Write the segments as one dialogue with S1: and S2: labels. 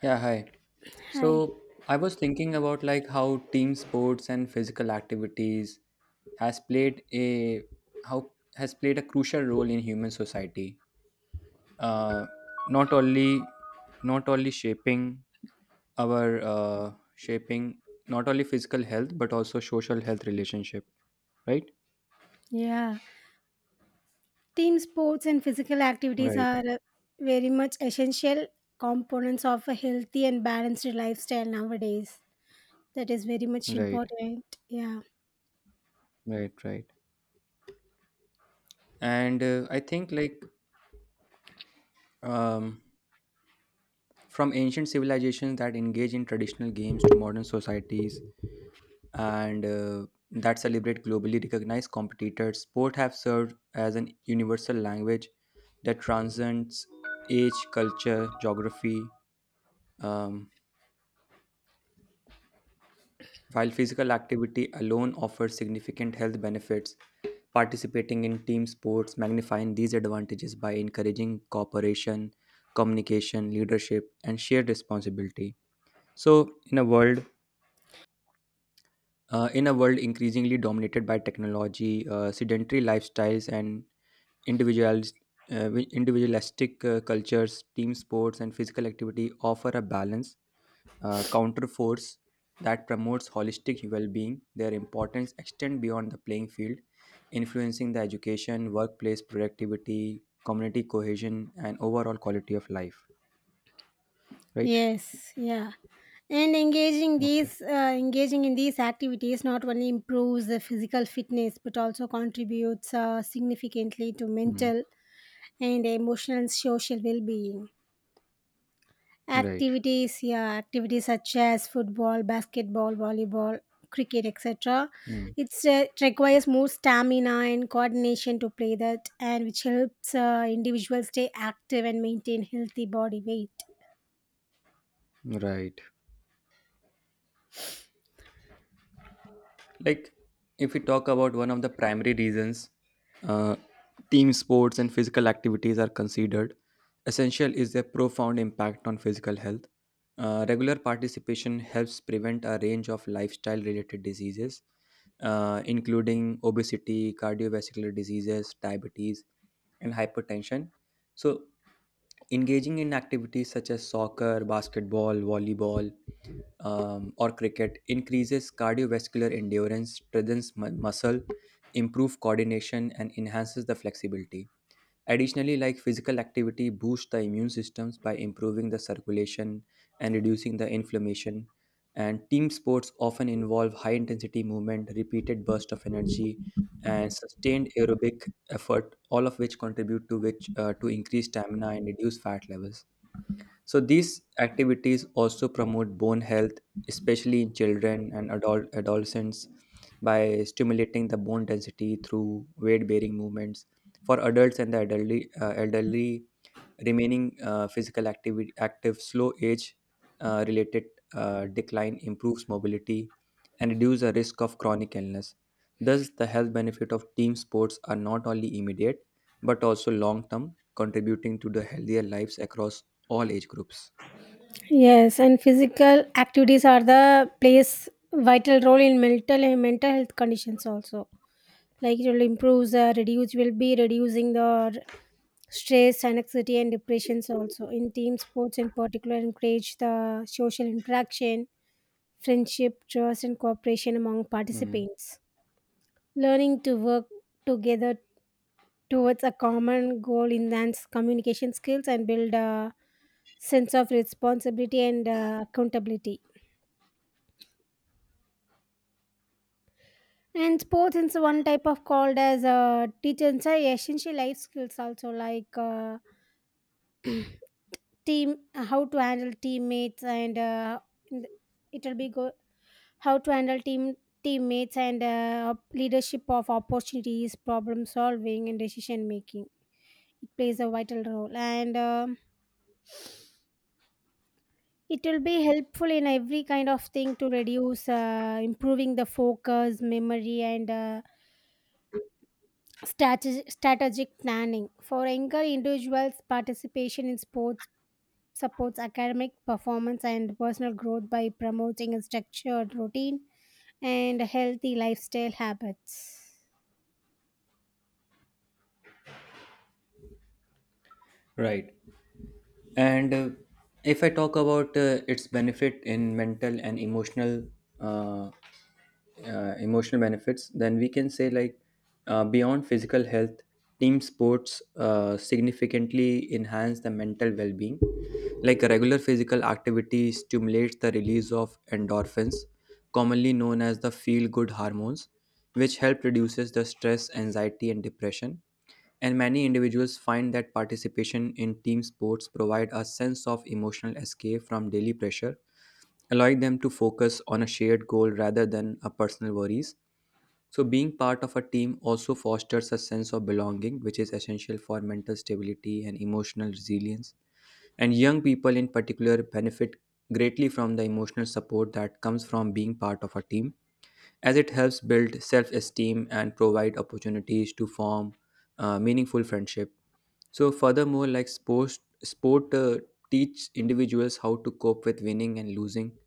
S1: Yeah, hi.
S2: Hi.
S1: So I was thinking about like how team sports and physical activities has played a how has played a crucial role in human society. Uh, not only not only shaping our shaping not only physical health but also social health relationship. Right,
S2: Yeah. Team sports and physical activities
S1: right,
S2: are very much essential components of a healthy and balanced lifestyle nowadays. That is very much
S1: right,
S2: important. Yeah.
S1: right, right. And I think like um, from ancient civilizations that engage in traditional games to modern societies and that celebrate globally recognized competitors. Sport have served as an universal language that transcends age, culture, geography. Um, while physical activity alone offers significant health benefits, participating in team sports magnifying these advantages by encouraging cooperation, communication, leadership, and shared responsibility. So, in a world in a world increasingly dominated by technology, sedentary lifestyles, and Individualis- individualistic cultures, team sports, and physical activity offer a balance, counter force that promotes holistic well being. Their importance extend beyond the playing field, influencing the education, workplace productivity, community cohesion, and overall quality of life. Right?
S2: Yes. Yeah. And
S1: Okay.
S2: engaging in these activities not only improves the physical fitness but also contributes significantly to
S1: Hmm.
S2: mental and emotional and social well-being.
S1: Right.
S2: Activities such as football, basketball, volleyball, cricket, etc.
S1: Hmm.
S2: It requires more stamina and coordination to play that, and which helps individuals stay active and maintain healthy body weight.
S1: Right. Like if we talk about one of the primary reasons uh, team sports and physical activities are considered essential is their profound impact on physical health. Regular participation helps prevent a range of lifestyle related diseases, including obesity, cardiovascular diseases, diabetes, and hypertension. So engaging in activities such as soccer, basketball, volleyball, or cricket increases cardiovascular endurance, strengthens muscle, improve coordination, and enhances the flexibility. Additionally, like physical activity boosts the immune systems by improving the circulation and reducing the inflammation. And team sports often involve high intensity movement, repeated bursts of energy, and sustained aerobic effort, all of which contribute to increase stamina and reduce fat levels. So these activities also promote bone health, especially in children and adult adolescents, by stimulating the bone density through weight-bearing movements. For adults and the elderly, elderly remaining physical activity active slow age related decline improves mobility and reduces the risk of chronic illness. Thus the health benefit of team sports are not only immediate but also long term, contributing to the healthier lives across all age groups.
S2: Yes, and physical activities are the plays vital role in mental health conditions also. Like it will improve the reduce will be reducing the stress, anxiety, and depressions also. In team sports in particular, encourage the social interaction, friendship, trust, and cooperation among
S1: Hmm,
S2: participants. Learning to work together towards a common goal enhance communication skills and build a sense of responsibility and accountability. And sports is one type of called as a teacher essential life skills also, like team how to handle teammates and in the- it'll be go how to handle teammates and uh, leadership of opportunities, problem solving, and decision making. It plays a vital role. And it will be helpful in every kind of thing to reduce improving the focus, memory, and strategic planning. For younger individuals, participation in sports supports academic performance and personal growth by promoting a structured routine and healthy lifestyle habits.
S1: right. And if I talk about its benefit in mental and emotional uh, emotional benefits, then we can say like beyond physical health, team sports significantly enhance the mental well-being. Like regular physical activity stimulates the release of endorphins, commonly known as the feel-good hormones, which help reduces the stress, anxiety, and depression. And many individuals find that participation in team sports provide a sense of emotional escape from daily pressure, allowing them to focus on a shared goal rather than a personal worries. So, being part of a team also fosters a sense of belonging, which is essential for mental stability and emotional resilience. And young people, in particular, benefit greatly from the emotional support that comes from being part of a team, as it helps build self esteem and provide opportunities to form meaningful friendship. So, furthermore, like sports, sport teach individuals how to cope with winning and losing,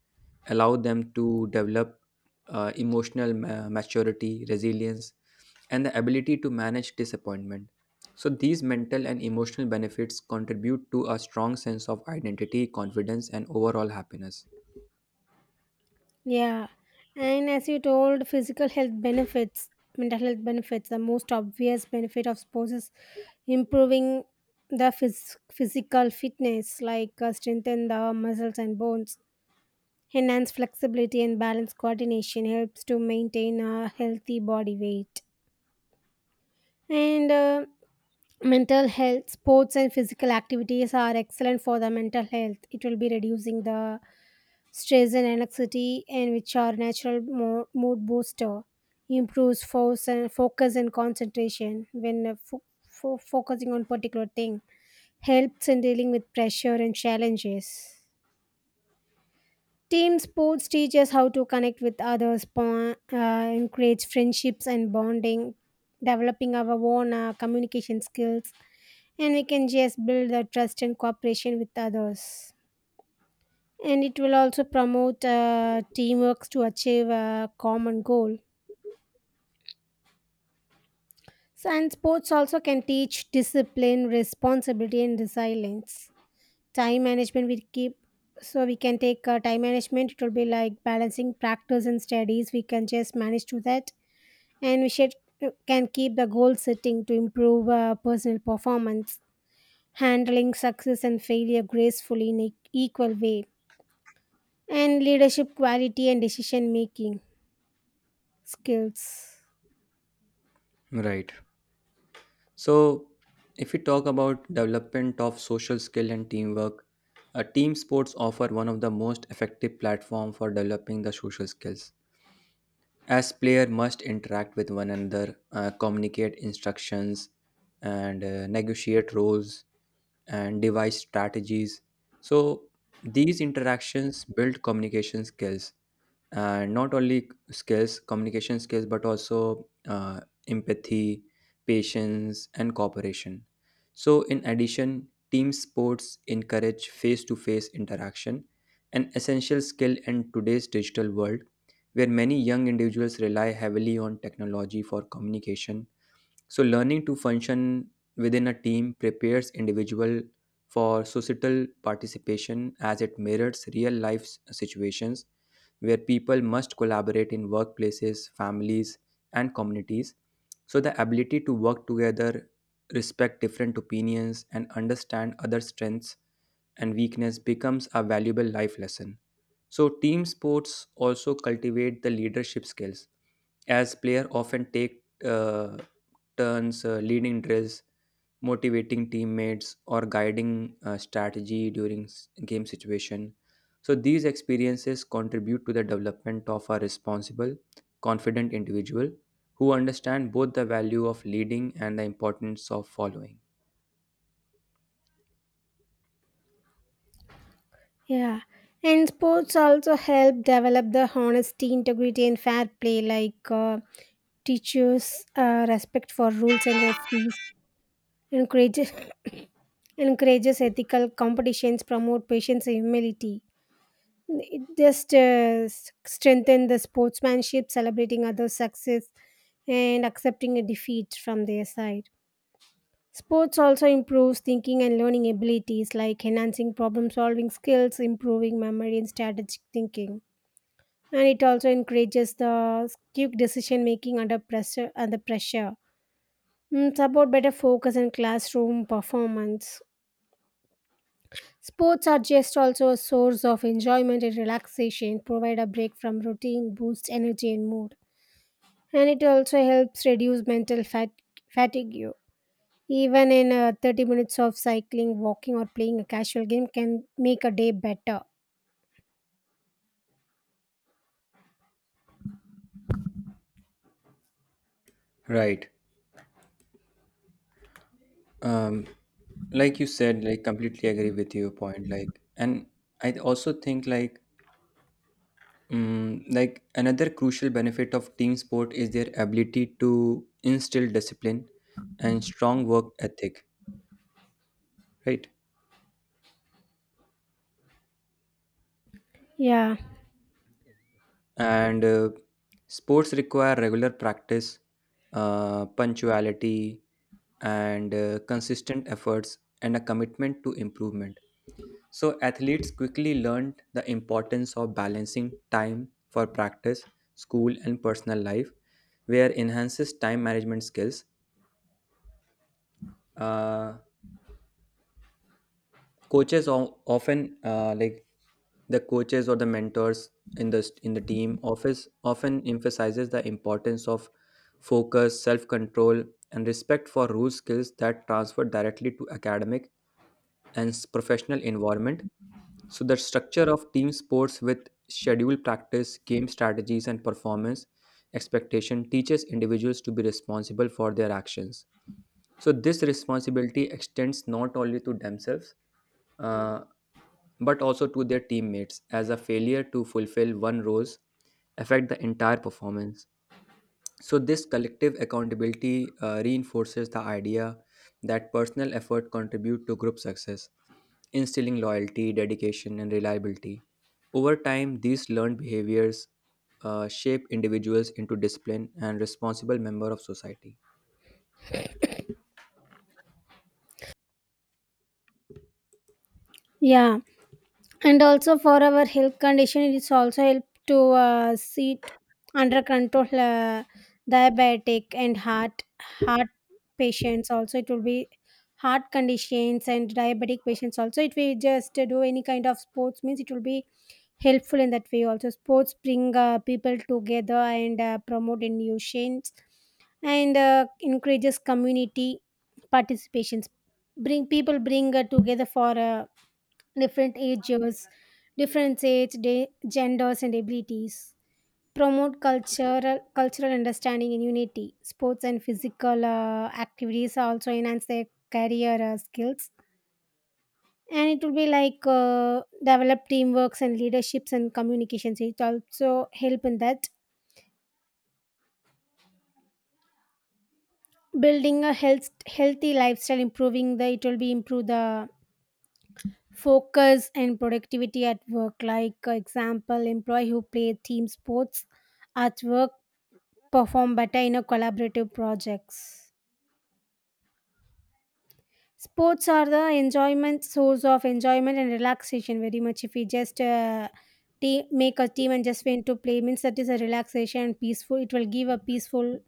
S1: allow them to develop emotional maturity, resilience, and the ability to manage disappointment. So, these mental and emotional benefits contribute to a strong sense of identity, confidence, and overall happiness.
S2: Yeah. And as you told, physical health benefits, mental health benefits, the most obvious benefit of sports is improving the physical fitness, like strengthen the muscles and bones, enhance flexibility and balance coordination, helps to maintain a healthy body weight. And mental health, sports and physical activities are excellent for the mental health. It will be reducing the stress and anxiety, and which are natural mood booster, improves force and focus and concentration when focusing on particular thing, helps in dealing with pressure and challenges. Team sports teach us how to connect with others, bond, encourage friendships and bonding, developing our own communication skills, and we can just build the trust and cooperation with others. And it will also promote teamwork to achieve a common goal. So, and sports also can teach discipline, responsibility, and resilience. Time management we keep so we can take time management. It will be like balancing practice and studies. We can just manage to that, and we should can keep the goal setting to improve personal performance, handling success and failure gracefully in an equal way, and leadership quality and decision making skills.
S1: Right. So, if we talk about development of social skill and teamwork, team sports offer one of the most effective platform for developing the social skills. As player must interact with one another, communicate instructions, and negotiate roles and devise strategies. So these interactions build communication skills and not only skills communication skills but also empathy, patience, and cooperation. So in addition, team sports encourage face-to-face interaction, an essential skill in today's digital world, where many young individuals rely heavily on technology for communication. So, learning to function within a team prepares individual for societal participation, as it mirrors real life situations where people must collaborate in workplaces, families, and communities. So, the ability to work together, respect different opinions, and understand other strengths and weakness becomes a valuable life lesson. So, team sports also cultivate the leadership skills, as player often take turns leading drills, motivating teammates, or guiding strategy during game situation. So, these experiences contribute to the development of a responsible, confident individual who understand both the value of leading and the importance of following.
S2: Yeah. And sports also help develop the honesty, integrity, and fair play, like teaches respect for rules and referees, encourages encourages ethical competitions, promote patience and humility. It just strengthen the sportsmanship, celebrating others success and accepting a defeat from their side. Sports also improves thinking and learning abilities, like enhancing problem solving skills, improving memory and strategic thinking. And it also encourages the quick decision making under pressure. Mm, support better focus and classroom performance. Sports are just also a source of enjoyment and relaxation, provide a break from routine, boost energy and mood. And it also helps reduce fatigue. Even in 30 minutes of cycling, walking, or playing a casual game can make a day better.
S1: Right. Um, like you said, like completely agree with your point, like. And I also think like another crucial benefit of team sport is their ability to instill discipline and strong work ethic, right?
S2: Yeah,
S1: And sports require regular practice, punctuality, and consistent efforts and a commitment to improvement. So, athletes quickly learned the importance of balancing time for practice, school, and personal life, where enhances time management skills. Uh, Coaches often, the coaches or the mentors in the team office often emphasizes the importance of focus, self control, and respect for rule skills that transfer directly to academic and professional environment. So the structure of team sports with schedule practice, game strategies, and performance expectation teaches individuals to be responsible for their actions. So this responsibility extends not only to themselves uh, but also to their teammates, as a failure to fulfill one role affect the entire performance. So, this collective accountability reinforces the idea that personal effort contribute to group success, instilling loyalty, dedication, and reliability. Over time, these learned behaviors shape individuals into disciplined and responsible member of society.
S2: yeah. And also for our health condition, it is also help to sit under control diabetic and heart heart patients also it will be heart conditions and diabetic patients also, if we just do any kind of sports means it will be helpful in that way also. Sports bring people together and promote innovations and encourages community participations, bring people bring together for uh, different ages, different age, genders, and abilities. Promote cultural understanding and unity. Sports and physical activities also enhance their career skills. And it will be like develop teamworks and leaderships and communications. It also help in that, building a healthy lifestyle, improving the it will be improve the focus and productivity at work. Like example, employee who play team sports at work perform better in a collaborative projects. Sports are the enjoyment source of enjoyment and relaxation very much. If we just make a team and just went to play, means that is a relaxation and peaceful. It will give a peaceful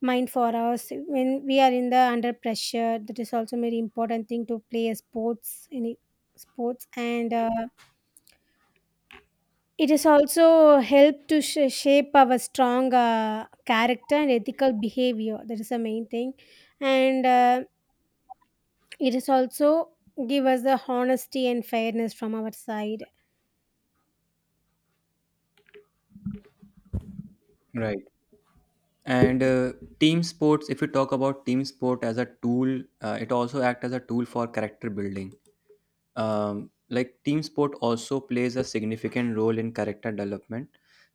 S2: mind for us when we are in the under pressure. That is also very important thing to play a sports, any sports and. It is also help to shape our strong character and ethical behavior, that is the main thing. And it is also give us the honesty and fairness from our side.
S1: Right. And team sports, if you talk about team sport as a tool, it also act as a tool for character building. Like team sport also plays a significant role in character development.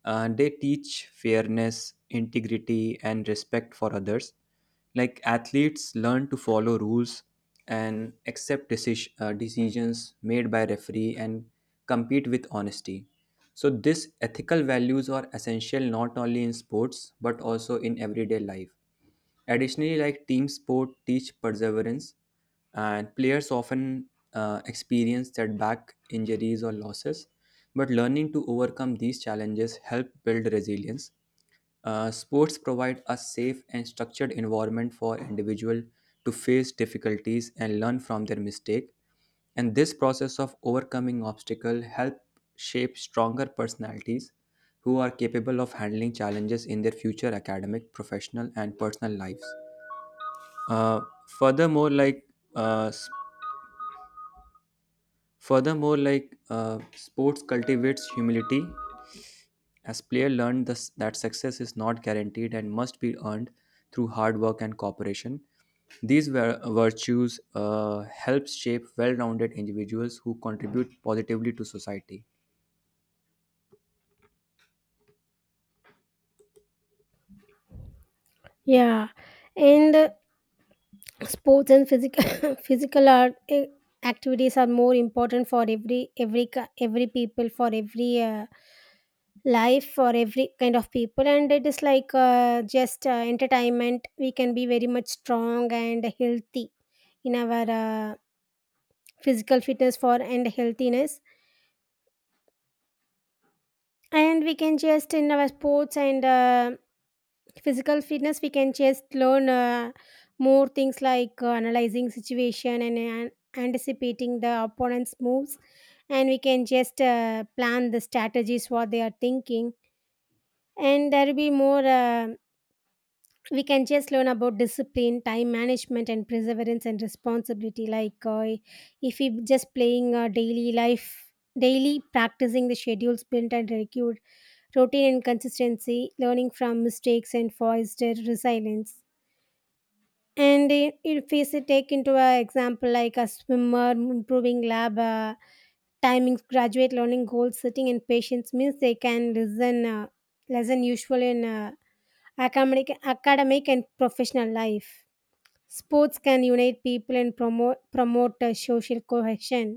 S1: They teach fairness, integrity, and respect for others. Like athletes learn to follow rules and accept decisions made by referee and compete with honesty. So these ethical values are essential not only in sports but also in everyday life. Additionally, like team sport teach perseverance, and players often experience setback, injuries, or losses. But learning to overcome these challenges help build resilience. Sports provide a safe and structured environment for individual to face difficulties and learn from their mistake. And this process of overcoming obstacle help shape stronger personalities who are capable of handling challenges in their future academic, professional, and personal lives. Uh, furthermore, like uh, s- furthermore, sports cultivates humility. As player learned this, that success is not guaranteed and must be earned through hard work and cooperation. These virtues help shape well-rounded individuals who contribute positively to society.
S2: Yeah, and sports and physical activities are more important for every people for every life, for every kind of people, and it is like just entertainment. We can be very much strong and healthy in our physical fitness for and healthiness, and we can just in our sports and physical fitness. We can just learn more things, like analyzing situation and anticipating the opponent's moves, and we can just plan the strategies what they are thinking, and there will be more. We can just learn about discipline, time management, and perseverance and responsibility, like if we just playing uh, daily practicing the schedules built and regular routine and consistency, learning from mistakes and foster resilience. And if we take into an example like a swimmer, improving lab timings, graduate learning goals, sitting and patience means they can listen less than usual in uh, academic and professional life. Sports can unite people and promote social cohesion,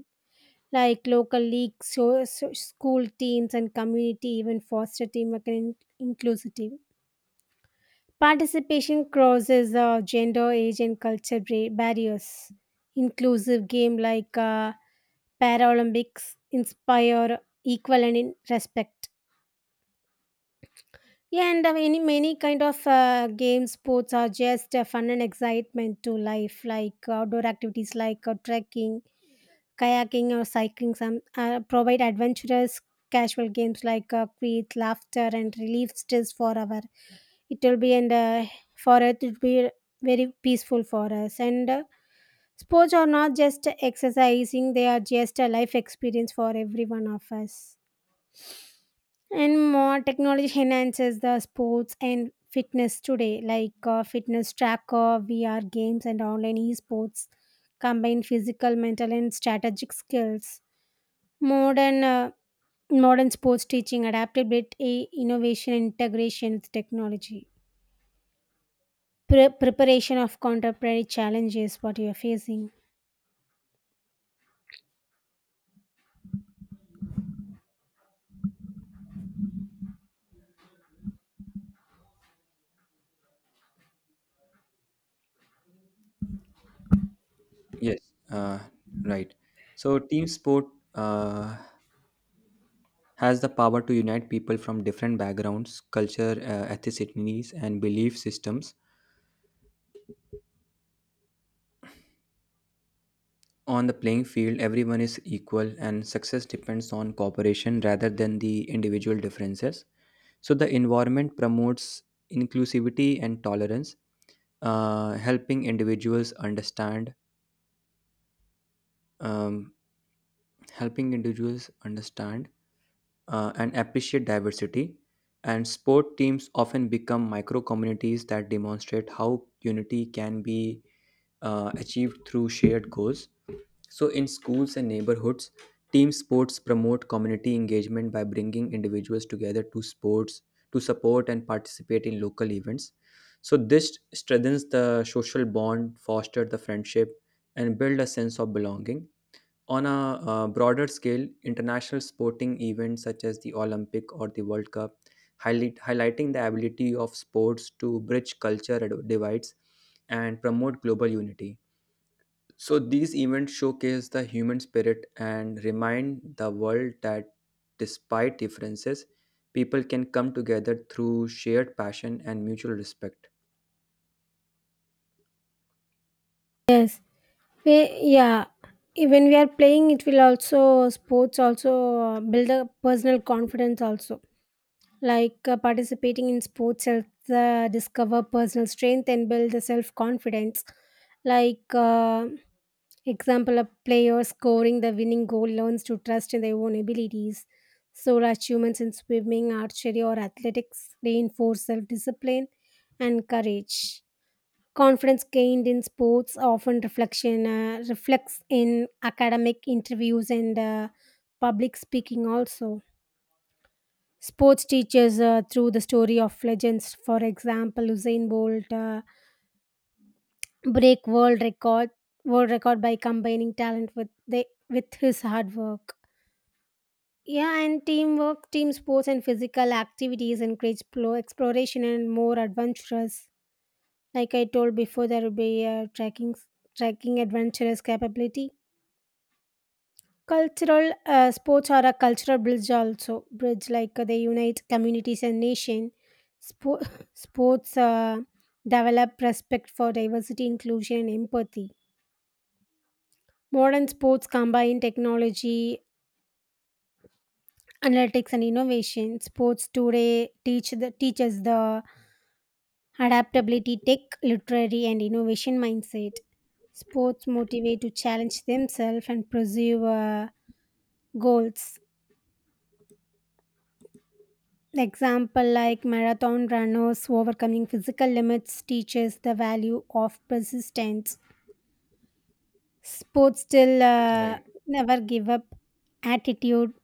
S2: like local leagues, school teams, and community even foster teamwork and inclusivity. Participation crosses gender, age, and culture barriers. Inclusive game like Paralympics inspire equal and in respect. Yeah, and many kind of game sports are just fun and excitement to life, like outdoor activities like trekking, kayaking, or cycling some provide adventurous, casual games like create laughter and relieve stress for our it will be and for us. It will be very peaceful for us. And sports are not just exercising, they are just a life experience for every one of us. And more technology enhances the sports and fitness today, like fitness tracker, VR games, and online esports combine physical, mental, and strategic skills. Modern uh, modern sports teaching, adapted with a innovation, and integration with technology, preparation of contemporary challenges. What you are facing?
S1: Yes, uh, right. So team sport uh, has the power to unite people from different backgrounds, culture, ethnicities, and belief systems. On the playing field, everyone is equal, and success depends on cooperation rather than the individual differences. So the environment promotes inclusivity and tolerance, uh, helping individuals understand, um, helping individuals understand and appreciate diversity. And sport teams often become micro communities that demonstrate how unity can be achieved through shared goals. So, in schools and neighborhoods, team sports promote community engagement by bringing individuals together to sports to support and participate in local events. So, this strengthens the social bond, foster the friendship, and build a sense of belonging. On a broader scale, international sporting events such as the Olympic or the World Cup highlighting the ability of sports to bridge culture divides and promote global unity. So these events showcase the human spirit and remind the world that despite differences, people can come together through shared passion and mutual respect.
S2: Yes. Yeah. When we are playing, it will also sports also build a personal confidence also. Like participating in sports helps discover personal strength and build the self confidence, like example a player scoring the winning goal learns to trust in their own abilities. So achievements in swimming, archery, or athletics reinforce self discipline and courage. Confidence gained in sports often reflection reflects in academic interviews and public speaking also. Sports teachers through the story of legends, for example Usain Bolt break world record by combining talent with with his hard work. Yeah, and teamwork, team sports and physical activities encourage exploration and more adventurous, like I told before there will be uh, trekking adventurous capability. Cultural sports are a cultural bridge also. Bridge, like they unite communities and nation. Spo- sports develop respect for diversity, inclusion, and empathy. Modern sports combine technology, analytics, and innovation. Sports today teaches the adaptability, tech, literary, and innovation mindset. Sports motivate to challenge themselves and pursue goals. The example like marathon runners overcoming physical limits teaches the value of persistence. Sports still
S1: Right,
S2: never give up attitude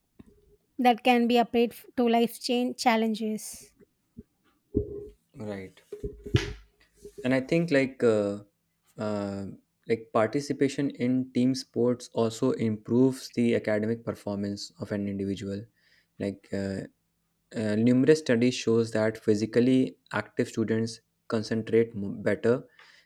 S2: that can be applied to life change challenges.
S1: right. And I think uh, like participation in team sports also improves the academic performance of an individual. Like, numerous studies shows that physically active students concentrate better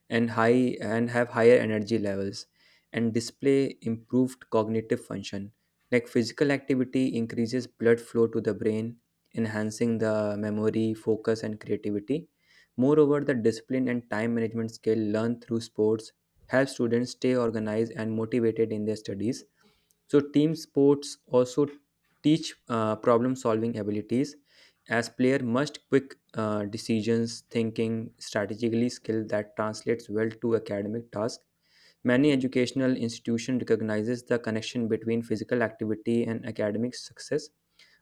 S1: and high and have higher energy levels and display improved cognitive function. Like physical activity increases blood flow to the brain, enhancing the memory, focus, and creativity. Moreover, the discipline and time management skill learned through sports help students stay organized and motivated in their studies. So, team sports also teach problem solving abilities, as player must quick decisions thinking strategically, skill that translates well to academic task. Many educational institution recognizes the connection between physical activity and academic success,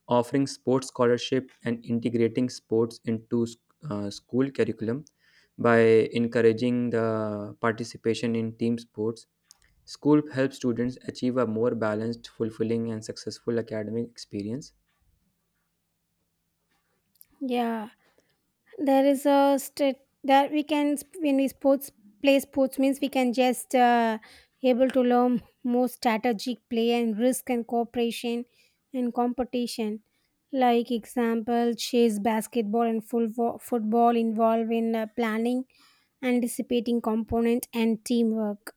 S1: offering sports scholarship and integrating sports into school curriculum. By encouraging the participation in team sports, school helps students achieve a more balanced, fulfilling, and successful academic experience.
S2: Yeah. There is a state that we can sp- when we sports play sports means we can just able to learn more strategic play and risk and cooperation and competition, like example chess, basketball, and football involve in planning, anticipating component and teamwork.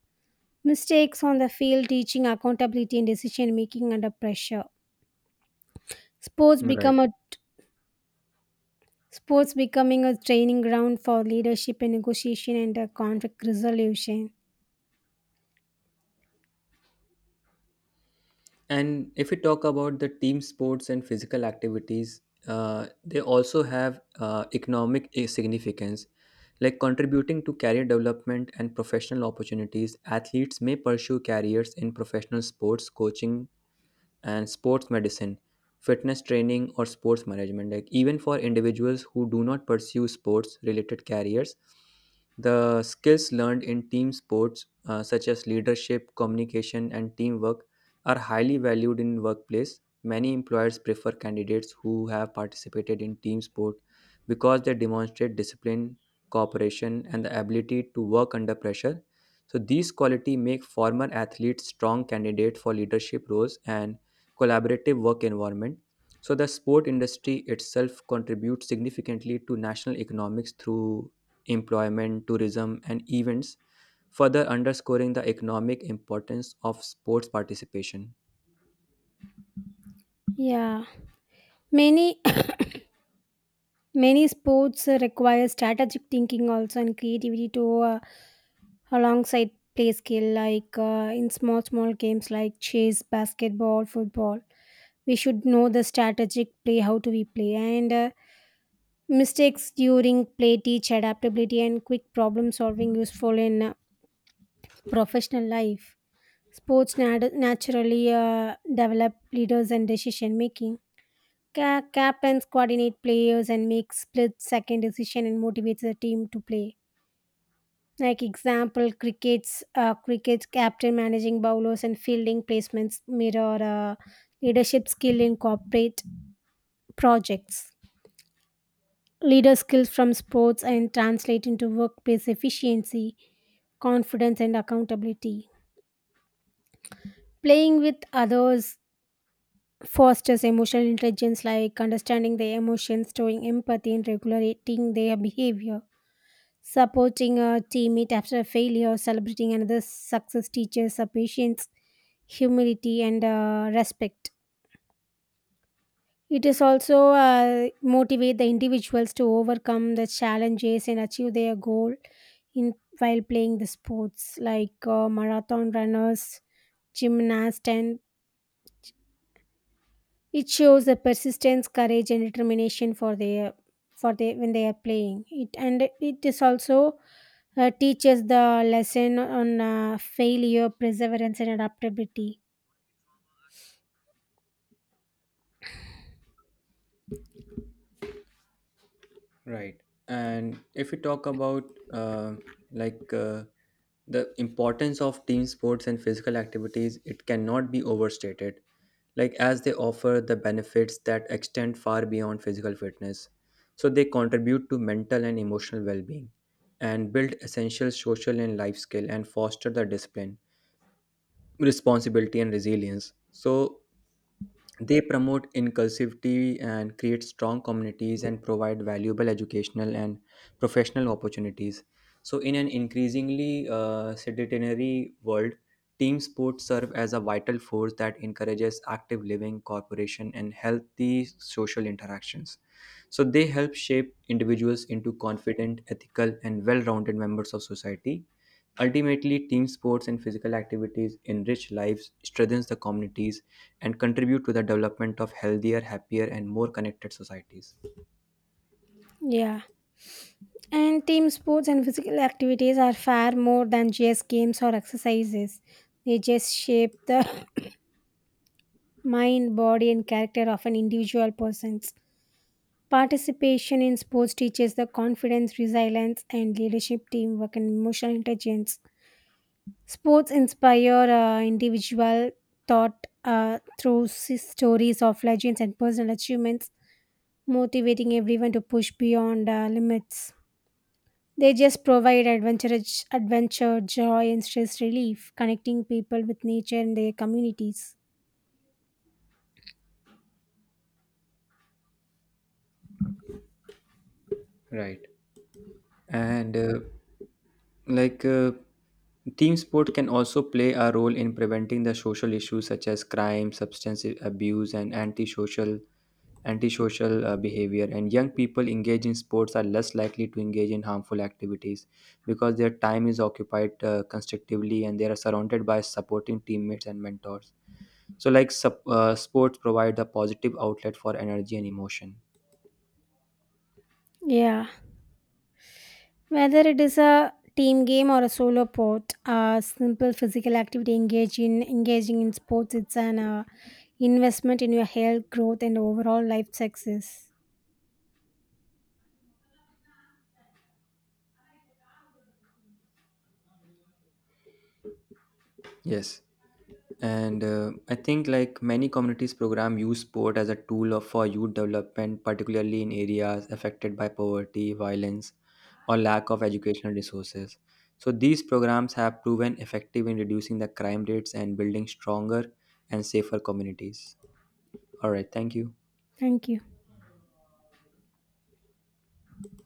S2: Mistakes on the field teaching accountability and decision making under pressure. sports become
S1: Right.
S2: a Sports becoming a training ground for leadership and negotiation and conflict resolution.
S1: And if we talk about the team sports and physical activities, they also have economic significance. Like contributing to career development and professional opportunities, athletes may pursue careers in professional sports, coaching, and sports medicine, fitness training, or sports management. Like even for individuals who do not pursue sports related careers, the skills learned in team sports, such as leadership, communication, and teamwork, are highly valued in workplace. Many employers prefer candidates who have participated in team sport because they demonstrate discipline, cooperation, and the ability to work under pressure. So these quality make former athletes strong candidates for leadership roles and collaborative work environment. So the sport industry itself contributes significantly to national economics through employment, tourism, and events, further underscoring the economic importance of sports participation.
S2: Yeah, many many sports require strategic thinking also and creativity to uh, alongside play skill, like in small small games like chess, basketball, football. We should know the strategic play how to we play. And mistakes during play teach adaptability and quick problem solving useful in professional life. Sports naturally develop leaders and decision making. Captains coordinate players and make split-second decision and motivates the team to play. Like example, cricket captain managing bowlers and fielding placements mirror leadership skill in corporate projects. Leader skills from sports and translate into workplace efficiency, confidence, and accountability. Playing with others fosters emotional intelligence, like understanding their emotions, showing empathy, and regulating their behavior. Supporting a teammate after a failure, celebrating another's success teaches a patience, humility, and respect. It is also motivate the individuals to overcome the challenges and achieve their goal in while playing the sports, like marathon runners, gymnasts, and it shows the persistence, courage, and determination for their for the when they are playing it. And it is also teaches the lesson on failure, perseverance, and adaptability.
S1: Right. And if we talk about uh, like uh, the importance of team sports and physical activities, it cannot be overstated. Like as they offer the benefits that extend far beyond physical fitness, so they contribute to mental and emotional well-being, and build essential social and life skill, and foster the discipline, responsibility, and resilience. So they promote inclusivity and create strong communities and provide valuable educational and professional opportunities. So, in an increasingly sedentary world, team sports serve as a vital force that encourages active living, cooperation, and healthy social interactions. So, they help shape individuals into confident, ethical, and well rounded members of society. Ultimately, team sports and physical activities enrich lives, strengthens the communities, and contribute to the development of healthier, happier, and more connected societies.
S2: Yeah, and team sports and physical activities are far more than just games or exercises. They just shape the mind, body, and character of an individual person's. Participation in sports teaches the confidence, resilience, and leadership, teamwork, and emotional intelligence. Sports inspire individual thought through stories of legends and personal achievements, motivating everyone to push beyond limits. They just provide adventure, joy, and stress relief, connecting people with nature and their communities.
S1: Right. And like uh, team sport can also play a role in preventing the social issues such as crime, substance abuse, and antisocial behavior. And young people engaged in sports are less likely to engage in harmful activities because their time is occupied constructively, and they are surrounded by supporting teammates and mentors. So like sports provide a positive outlet for energy and emotion.
S2: Yeah. Whether it is a team game or a solo sport, a simple physical activity engage in engaging in sports, it's an investment in your health, growth, and overall life success.
S1: Yes. And I think like many communities program use sport as a tool for youth development, particularly in areas affected by poverty, violence, or lack of educational resources. So these programs have proven effective in reducing the crime rates and building stronger and safer communities. All right, thank you.
S2: Thank you.